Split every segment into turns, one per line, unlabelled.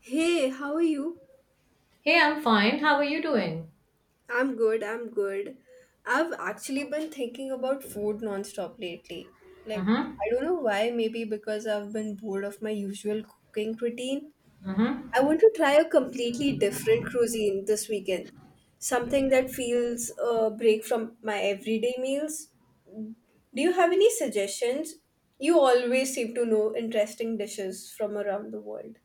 Hey, how are you?
Hey, I'm fine. How are you doing?
I'm good, I'm good. I've actually been thinking about food nonstop lately. Like,
Mm-hmm.
I don't know why, maybe because I've been bored of my usual cooking routine.
Mm-hmm.
I want to try a completely different cuisine this weekend. Something that feels a break from my everyday meals. Do you have any suggestions? You always seem to know interesting dishes from around the world.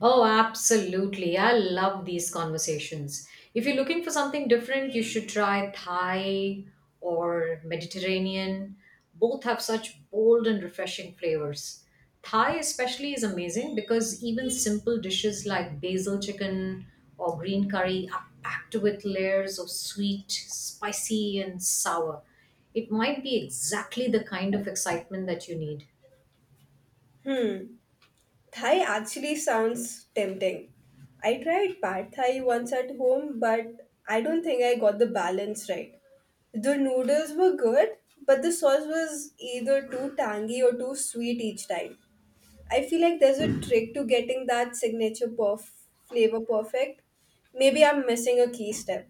Oh, absolutely. I love these conversations. If you're looking for something different, you should try Thai or Mediterranean. Both have such bold and refreshing flavors. Thai, especially, is amazing because even simple dishes like basil chicken or green curry are packed with layers of sweet, spicy, and sour. It might be exactly the kind of excitement that you need.
Hmm. Thai actually sounds tempting. I tried pad thai once at home, but I don't think I got the balance right. The noodles were good, but the sauce was either too tangy or too sweet each time. I feel like there's a trick to getting that signature flavor perfect. Maybe I'm missing a key step.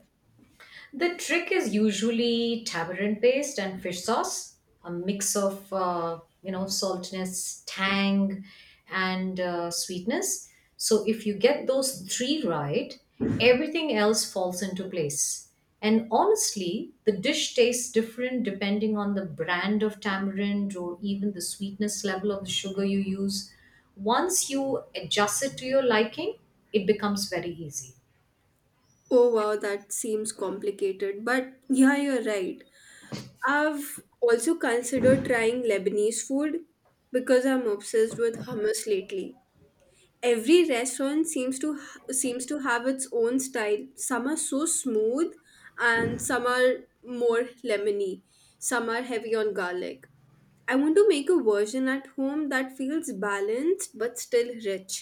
The trick is usually tamarind paste and fish sauce, a mix of saltiness, tang, and sweetness. So if you get those three right, everything else falls into place. And honestly, the dish tastes different depending on the brand of tamarind or even the sweetness level of the sugar you use. Once you adjust it to your liking, it becomes very easy.
Oh wow, that seems complicated, but yeah, you're right. I've also considered trying Lebanese food because I'm obsessed with hummus lately. Every restaurant seems to have its own style. Some are so smooth and some are more lemony. Some are heavy on garlic. I want to make a version at home that feels balanced but still rich.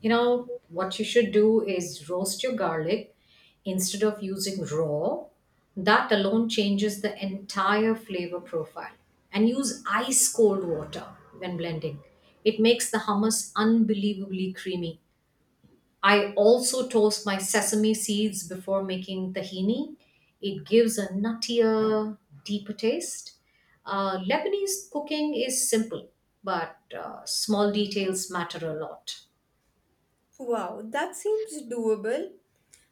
You know, what you should do is roast your garlic instead of using raw. That alone changes the entire flavor profile. And use ice cold water when blending. It makes the hummus unbelievably creamy. I also toast my sesame seeds before making tahini. It gives a nuttier, deeper taste. Lebanese cooking is simple, but small details matter a lot.
Wow, that seems doable.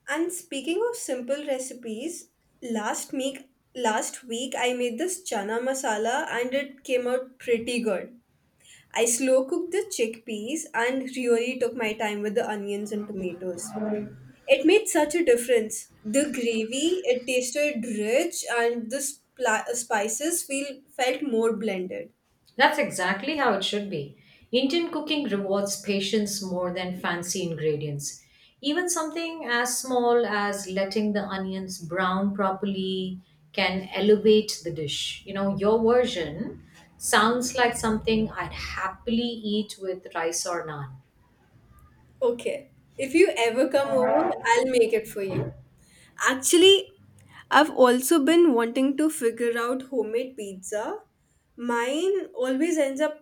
And speaking of simple recipes, last week last week I made this chana masala and it came out pretty good. I slow cooked the chickpeas and really took my time with the onions and tomatoes. It made such a difference. The gravy, it tasted rich and the spices feel felt more blended.
That's exactly how it should be. Indian cooking rewards patience more than fancy ingredients. Even something as small as letting the onions brown properly can elevate the dish. You know, your version sounds like something I'd happily eat with rice or naan.
Okay. If you ever come over, I'll make it for you. Actually, I've also been wanting to figure out homemade pizza. Mine always ends up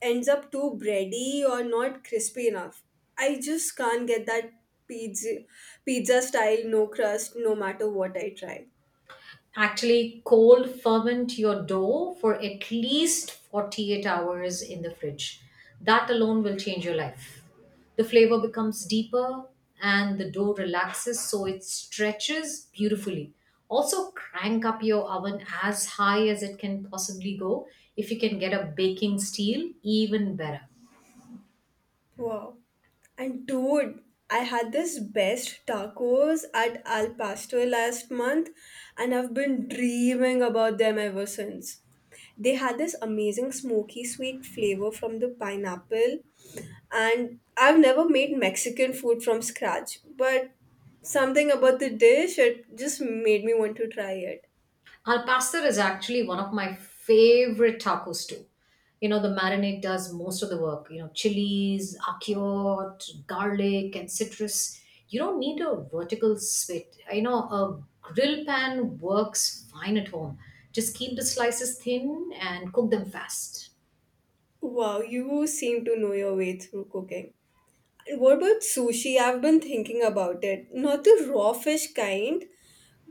ends up too bready or not crispy enough. I just can't get that pizza pizza style no crust no matter what I try.
Actually, cold ferment your dough for at least 48 hours in the fridge. That alone will change your life. The flavor becomes deeper and the dough relaxes so it stretches beautifully. Also, crank up your oven as high as it can possibly go. If you can get a baking steel, even better.
Wow. And dude, I had this best tacos at Al Pastor last month and I've been dreaming about them ever since. They had this amazing smoky sweet flavor from the pineapple and I've never made Mexican food from scratch, but something about the dish it just made me want to try it.
Al pastor is actually one of my favorite tacos too. You know, the marinade does most of the work. You know, chilies, ackyoat, garlic, and citrus. You don't need a vertical spit. You know, a grill pan works fine at home. Just keep the slices thin and cook them fast.
Wow, you seem to know your way through cooking. What about sushi? I've been thinking about it. Not the raw fish kind,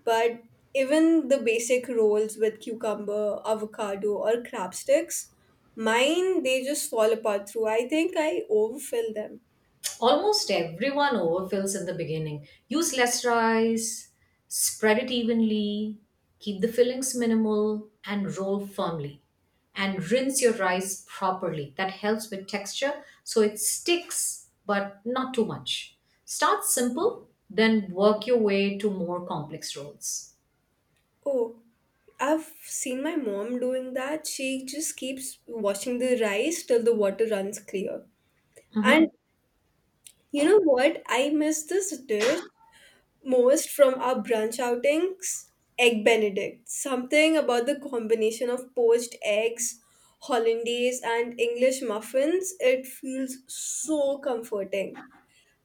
but even the basic rolls with cucumber, avocado, or crab sticks. Mine, they just fall apart through. I think I overfill them.
Almost everyone overfills in the beginning. Use less rice, spread it evenly, keep the fillings minimal, and roll firmly. And rinse your rice properly. That helps with texture so it sticks, but not too much. Start simple, then work your way to more complex rolls.
Oh, I've seen my mom doing that. She just keeps washing the rice till the water runs clear. And
Mhm.
you know what? I miss this dish most from our brunch outings. Egg Benedict. Something about the combination of poached eggs, hollandaise, and English muffins. It feels so comforting.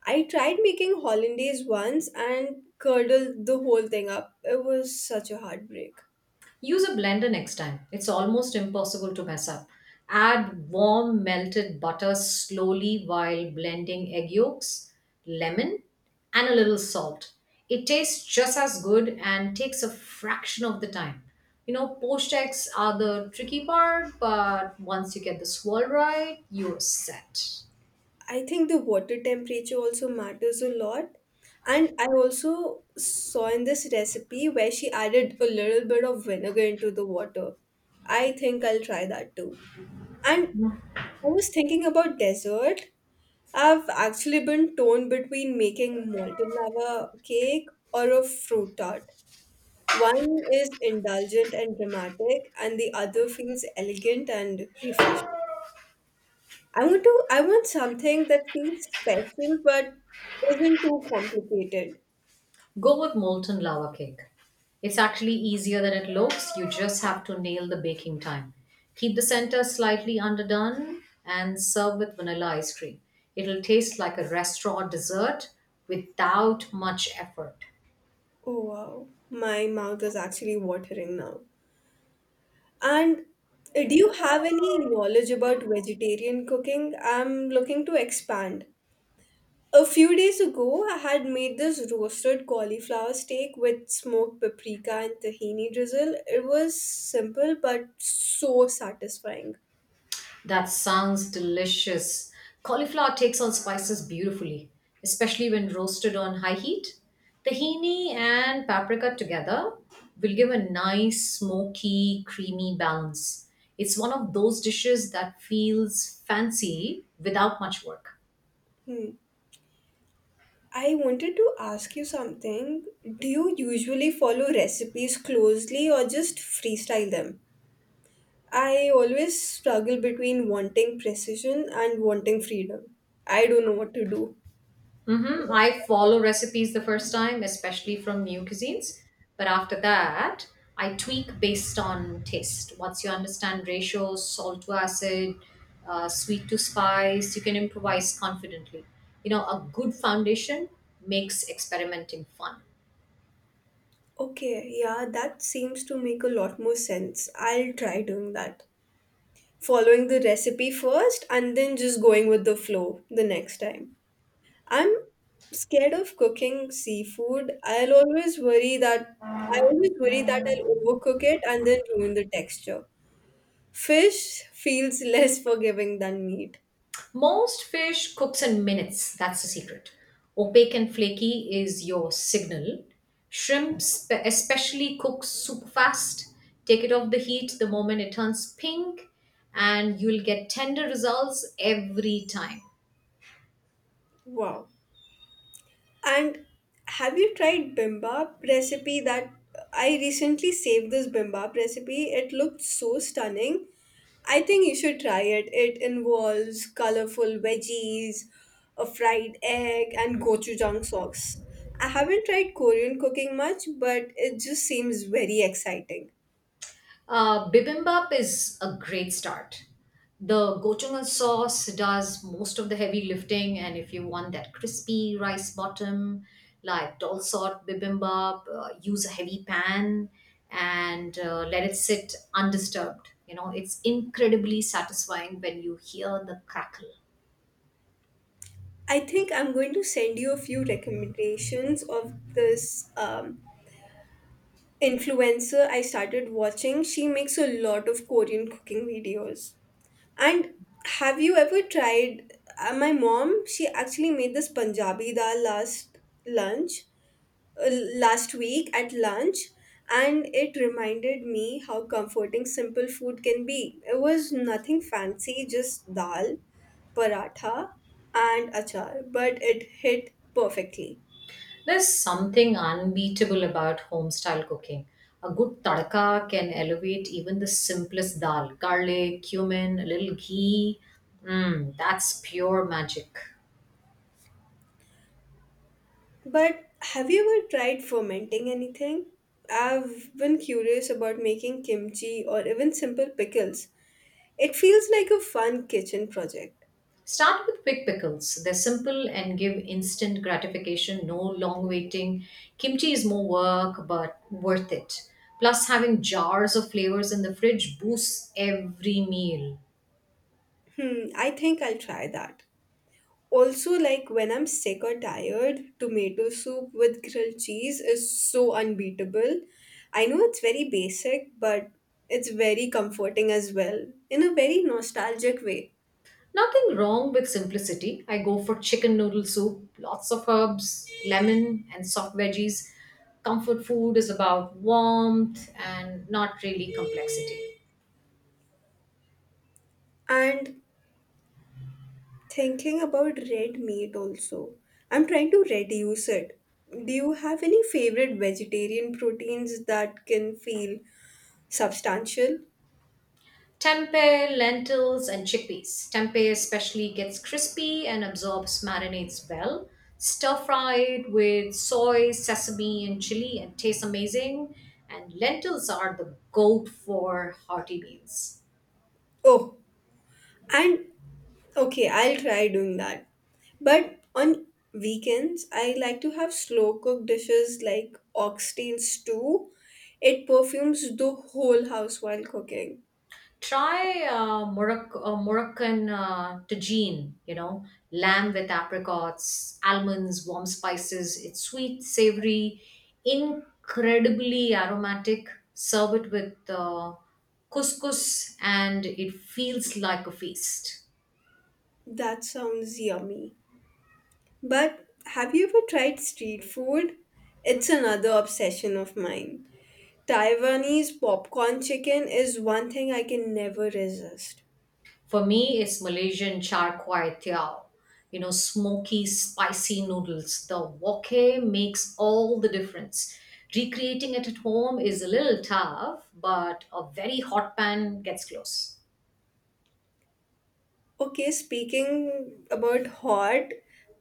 I tried making hollandaise once and curdled the whole thing up. It was such a heartbreak.
Use a blender next time. It's almost impossible to mess up. Add warm melted butter slowly while blending egg yolks, lemon, and a little salt. It tastes just as good and takes a fraction of the time. You know, poached eggs are the tricky part, but once you get the swirl right, you're set.
I think the water temperature also matters a lot. And I also saw in this recipe where she added a little bit of vinegar into the water. I think I'll try that too. And I was thinking about dessert. I've actually been torn between making molten lava cake or a fruit tart. One is indulgent and dramatic, and the other feels elegant and refreshing. I want something that feels special but isn't too complicated.
Go with molten lava cake. It's actually easier than it looks. You just have to nail the baking time. Keep the center slightly underdone and serve with vanilla ice cream. It'll taste like a restaurant dessert without much effort.
Oh wow. My mouth is actually watering now. And do you have any knowledge about vegetarian cooking? I'm looking to expand. A few days ago, I had made this roasted cauliflower steak with smoked paprika and tahini drizzle. It was simple but so satisfying.
That sounds delicious. Cauliflower takes on spices beautifully, especially when roasted on high heat. Tahini and paprika together will give a nice, smoky, creamy balance. It's one of those dishes that feels fancy without much work.
I wanted to ask you something. Do you usually follow recipes closely or just freestyle them? I always struggle between wanting precision and wanting freedom. I don't know what to do.
Mm-hmm. I follow recipes the first time, especially from new cuisines. But after that, I tweak based on taste. Once you understand ratios, salt to acid, sweet to spice, you can improvise confidently. You know, a good foundation makes experimenting fun.
Okay, yeah, that seems to make a lot more sense. I'll try doing that. Following the recipe first and then just going with the flow the next time. I'm scared of cooking seafood. I always worry that I'll overcook it and then ruin the texture. Fish feels less forgiving than meat.
Most fish cooks in minutes. That's the secret. Opaque and flaky is your signal. Especially cooks super fast. Take it off the heat the moment it turns pink, and you'll get tender results every time.
Wow. And have you tried bimbap recipe that I recently saved this bimbap recipe? It looked so stunning. I think you should try it. It involves colorful veggies, a fried egg, and gochujang sauce. I haven't tried Korean cooking much, but it just seems very exciting.
Bibimbap is a great start. The gochujang sauce does most of the heavy lifting, and if you want that crispy rice bottom, like dal sort bibimbap, use a heavy pan and let it sit undisturbed. You know, it's incredibly satisfying when you hear the crackle.
I think I'm going to send you a few recommendations of this influencer I started watching, she makes a lot of Korean cooking videos. And have you ever tried my mom? She actually made this Punjabi dal lunch, uh, last week at lunch, and it reminded me how comforting simple food can be. It was nothing fancy, just dal, paratha, and achar, but it hit perfectly.
There's something unbeatable about home-style cooking. A good tadka can elevate even the simplest dal. Garlic, cumin, a little ghee. Mmm, that's pure magic.
But have you ever tried fermenting anything? I've been curious about making kimchi or even simple pickles. It feels like a fun kitchen project.
Start with quick pickles. They're simple and give instant gratification, no long waiting. Kimchi is more work, but worth it. Plus, having jars of flavors in the fridge boosts every meal.
Hmm, I think I'll try that. Also, like when I'm sick or tired, tomato soup with grilled cheese is so unbeatable. I know it's very basic, but it's very comforting as well, in a very nostalgic way.
Nothing wrong with simplicity. I go for chicken noodle soup, lots of herbs, lemon, and soft veggies. Comfort food is about warmth and not really complexity.
And thinking about red meat also. I'm trying to reduce it. Do you have any favorite vegetarian proteins that can feel substantial?
Tempeh, lentils, and chickpeas. Tempeh especially gets crispy and absorbs marinades well. Stir fried with soy, sesame, and chili and tastes amazing. And lentils are the goat for hearty meals.
Oh, and okay, I'll try doing that. But on weekends, I like to have slow cooked dishes like oxtail stew. It perfumes the whole house while cooking.
Try Moroccan tagine, you know, lamb with apricots, almonds, warm spices. It's sweet, savory, incredibly aromatic. Serve it with couscous, and it feels like a feast.
That sounds yummy. But have you ever tried street food? It's another obsession of mine. Taiwanese popcorn chicken is one thing I can never resist.
For me, it's Malaysian char kway teow. You know, smoky, spicy noodles. The wok makes all the difference. Recreating it at home is a little tough, but a very hot pan gets close.
Okay, speaking about hot,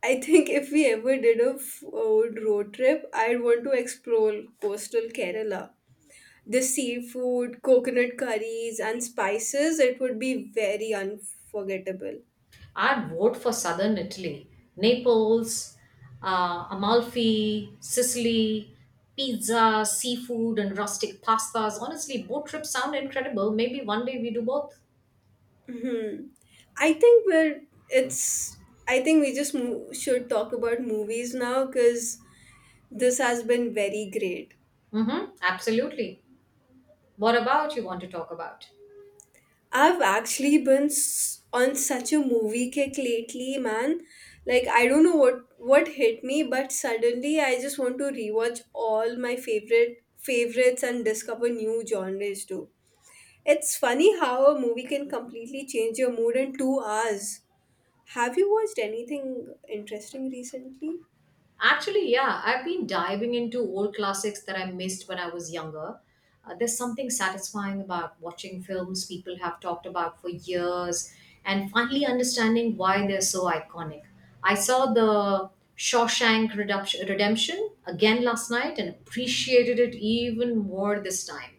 I think if we ever did a food road trip, I'd want to explore coastal Kerala. The seafood, coconut curries, and spices, it would be very unforgettable.
I'd vote for southern Italy. Naples, Amalfi, Sicily, pizza, seafood, and rustic pastas. Honestly, both trips sound incredible. Maybe one day we do both.
Hmm. I think we're, it's, I think we just should talk about movies now because this has been very great.
Mm-hmm, absolutely. What about you want to talk about?
I've actually been on such a movie kick lately, man. Like I don't know what hit me, but suddenly I just want to rewatch all my favorites and discover new genres too. It's funny how a movie can completely change your mood in 2 hours. Have you watched anything interesting recently?
Actually, yeah, I've been diving into old classics that I missed when I was younger. There's something satisfying about watching films people have talked about for years and finally understanding why they're so iconic. I saw the Redemption again last night and appreciated it even more this time.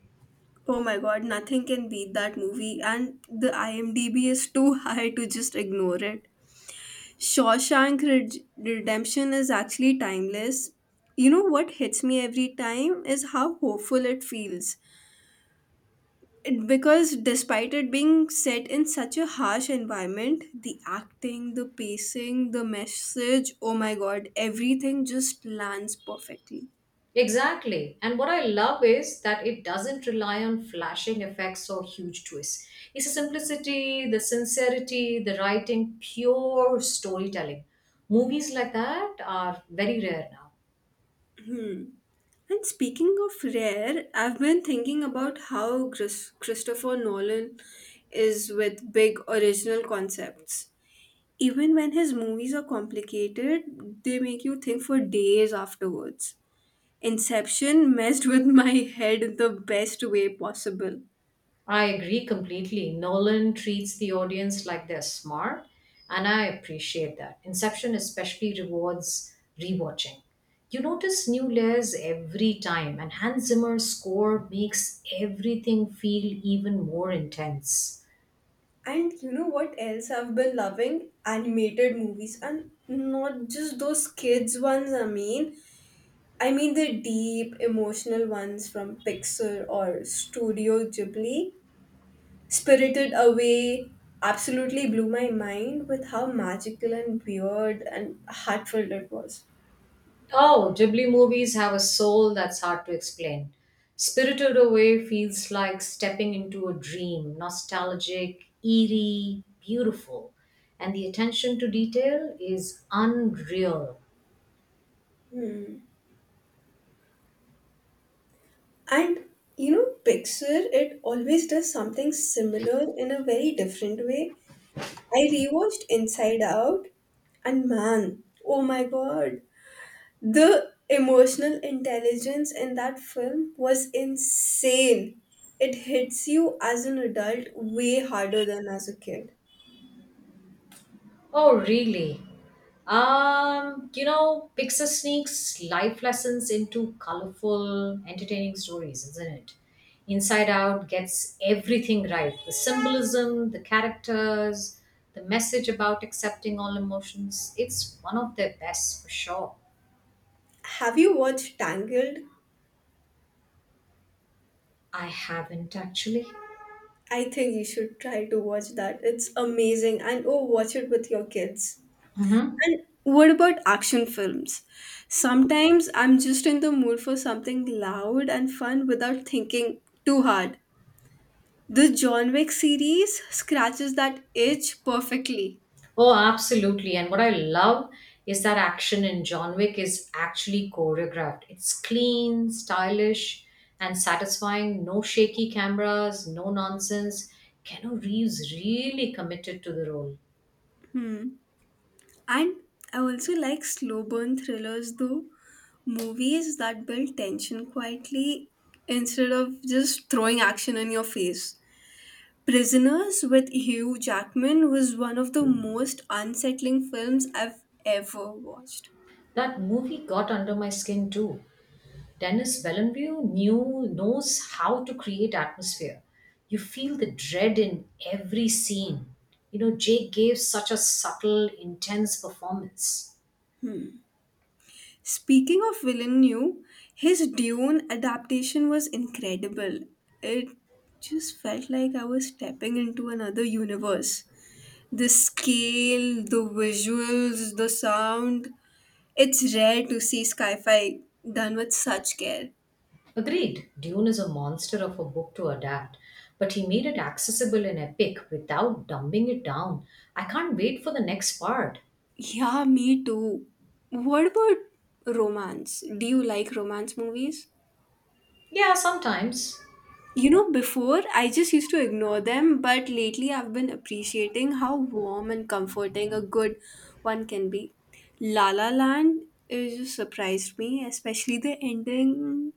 Oh my god, nothing can beat that movie and the IMDb is too high to just ignore it. Shawshank Redemption is actually timeless. You know what hits me every time is how hopeful it feels. It, because despite it being set in such a harsh environment, the acting, the pacing, the message oh my god, everything just lands perfectly.
Exactly. And what I love is that it doesn't rely on flashing effects or huge twists. It's the simplicity, the sincerity, the writing, pure storytelling. Movies like that are very rare now.
Hmm. And speaking of rare, I've been thinking about how Christopher Nolan is with big original concepts. Even when his movies are complicated, they make you think for days afterwards. Inception messed with my head in the best way possible.
I agree completely. Nolan treats the audience like they're smart, and I appreciate that. Inception especially rewards rewatching. You notice new layers every time, and Hans Zimmer's score makes everything feel even more intense.
And you know what else I've been loving? Animated movies and not just those kids ones, I mean. I mean the deep emotional ones from Pixar or Studio Ghibli. Spirited Away absolutely blew my mind with how magical and weird and heartfelt it was.
Oh, Ghibli movies have a soul that's hard to explain. Spirited Away feels like stepping into a dream, nostalgic, eerie, beautiful. And the attention to detail is unreal.
Hmm. And you know, Pixar, it always does something similar in a very different way. I rewatched Inside Out, and man, oh my god, the emotional intelligence in that film was insane. It hits you as an adult way harder than as a kid.
Oh, really? You know, Pixar sneaks life lessons into colorful, entertaining stories, isn't it? Inside Out gets everything right, the symbolism, the characters, the message about accepting all emotions. It's one of their best for sure.
Have you watched Tangled?
I haven't actually.
I think you should try to watch that. It's amazing, and oh, watch it with your kids.
Mhm.
And what about action films? Sometimes I'm just in the mood for something loud and fun without thinking too hard. The John Wick series scratches that itch perfectly.
Oh, absolutely. And what I love is that action in John Wick is actually choreographed. It's clean, stylish, and satisfying. No shaky cameras, no nonsense. Keanu Reeves really committed to the role.
And I also like slow burn thrillers though, movies that build tension quietly instead of just throwing action in your face. Prisoners with Hugh Jackman was one of the most unsettling films I've ever watched.
That movie got under my skin too. Dennis Villeneuve knew knows how to create atmosphere. You feel the dread in every scene. You know, Jake gave such a subtle, intense performance.
Speaking of Villeneuve, his Dune adaptation was incredible. It just felt like I was stepping into another universe. The scale, the visuals, the sound. It's rare to see sci fi done with such care.
Agreed, Dune is a monster of a book to adapt, but he made it accessible and epic without dumbing it down. I can't wait for the next part.
Yeah, me too. What about romance? Do you like romance movies?
Yeah, sometimes.
You know, before I just used to ignore them, but lately I've been appreciating how warm and comforting a good one can be. La La Land is just surprised me, especially the ending.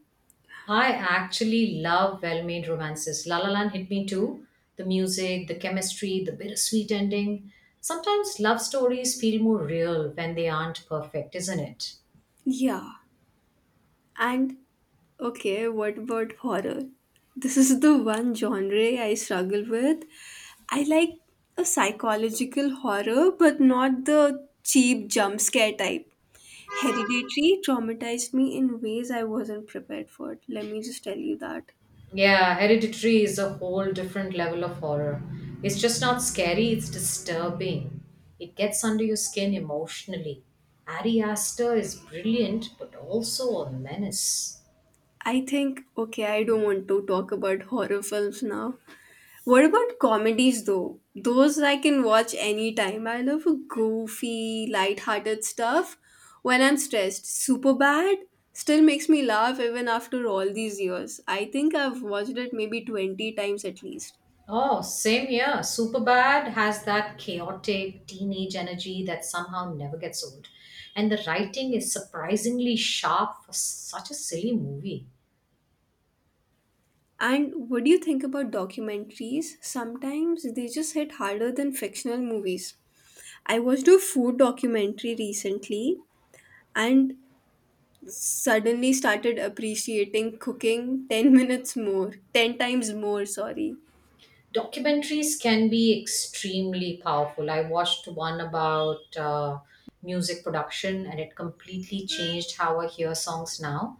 I actually love well made romances. La La Land hit me too. The music, the chemistry, the bittersweet ending. Sometimes love stories feel more real when they aren't perfect, isn't it?
Yeah. And okay, what about horror? This is the one genre I struggle with. I like a psychological horror, but not the cheap jump scare type. Hereditary traumatized me in ways I wasn't prepared for. Let me just tell you that.
Yeah, Hereditary is a whole different level of horror. It's just not scary, it's disturbing. It gets under your skin emotionally. Ari Aster is brilliant, but also a menace.
I think, okay, I don't want to talk about horror films now. What about comedies though? Those I can watch anytime. I love goofy, light-hearted stuff. When I'm stressed, super bad still makes me laugh even after all these years. I think I've watched it maybe 20 times at least.
Oh, same here. Superbad has that chaotic teenage energy that somehow never gets old. And the writing is surprisingly sharp for such a silly movie.
And what do you think about documentaries? Sometimes they just hit harder than fictional movies. I watched a food documentary recently and suddenly started appreciating cooking 10 minutes more, 10 times more, sorry.
Documentaries can be extremely powerful. I watched one about music production and it completely changed how I hear songs now.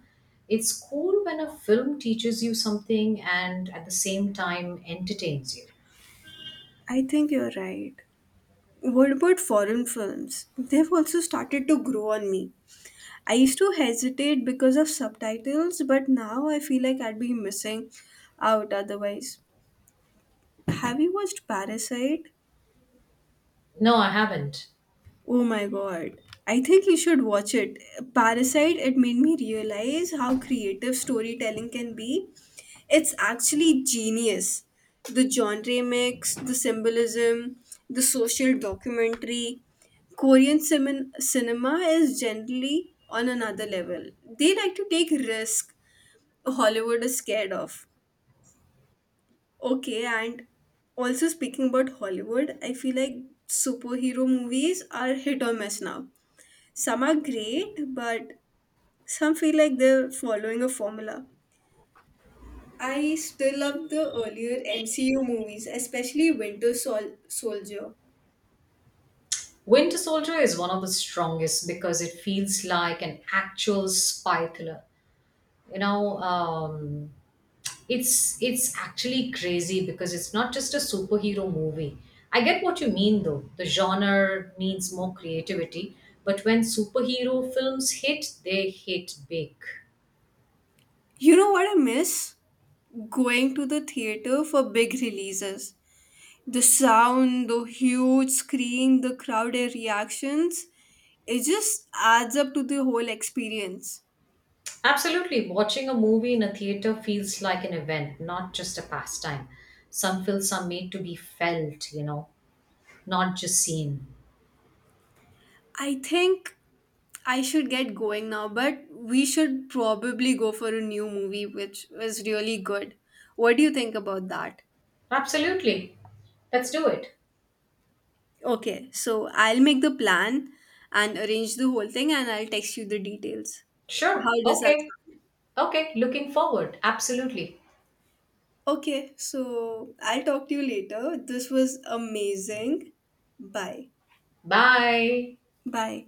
It's cool when a film teaches you something and at the same time entertains you.
I think you're right. What about foreign films? They've also started to grow on me. I used to hesitate because of subtitles, but now I feel like I'd be missing out otherwise. Have you watched Parasite?
No, I haven't.
Oh my god. I think you should watch it. Parasite, it made me realize how creative storytelling can be. It's actually genius. The genre mix, the symbolism, the social documentary. Korean cinema is generally on another level. They like to take risk Hollywood is scared of. Okay, and also speaking about Hollywood, I feel like superhero movies are hit or miss now some are great, but some feel like they're following a formula. I still love the earlier MCU movies, especially Winter Soldier.
Winter Soldier is one of the strongest because it feels like an actual spy thriller. You know, it's actually crazy because it's not just a superhero movie. I get what you mean though, the genre needs more creativity, but when superhero films hit, they hit big.
You know what I miss? Going to the theater for big releases. The sound, the huge screen, the crowded reactions, it just adds up to the whole experience.
Absolutely, watching a movie in a theater feels like an event, not just a pastime. Some films are made to be felt, you know, not just seen.
I think I should get going now, but we should probably go for a new movie which was really good. What do you think about that?
Absolutely, let's do it.
Okay, so I'll make the plan and arrange the whole thing and I'll text you the details. How
Sure,
does that
okay.
sound?
Okay, looking forward, absolutely.
Okay, so I'll talk to you later. This was amazing. Bye.
Bye.
Bye.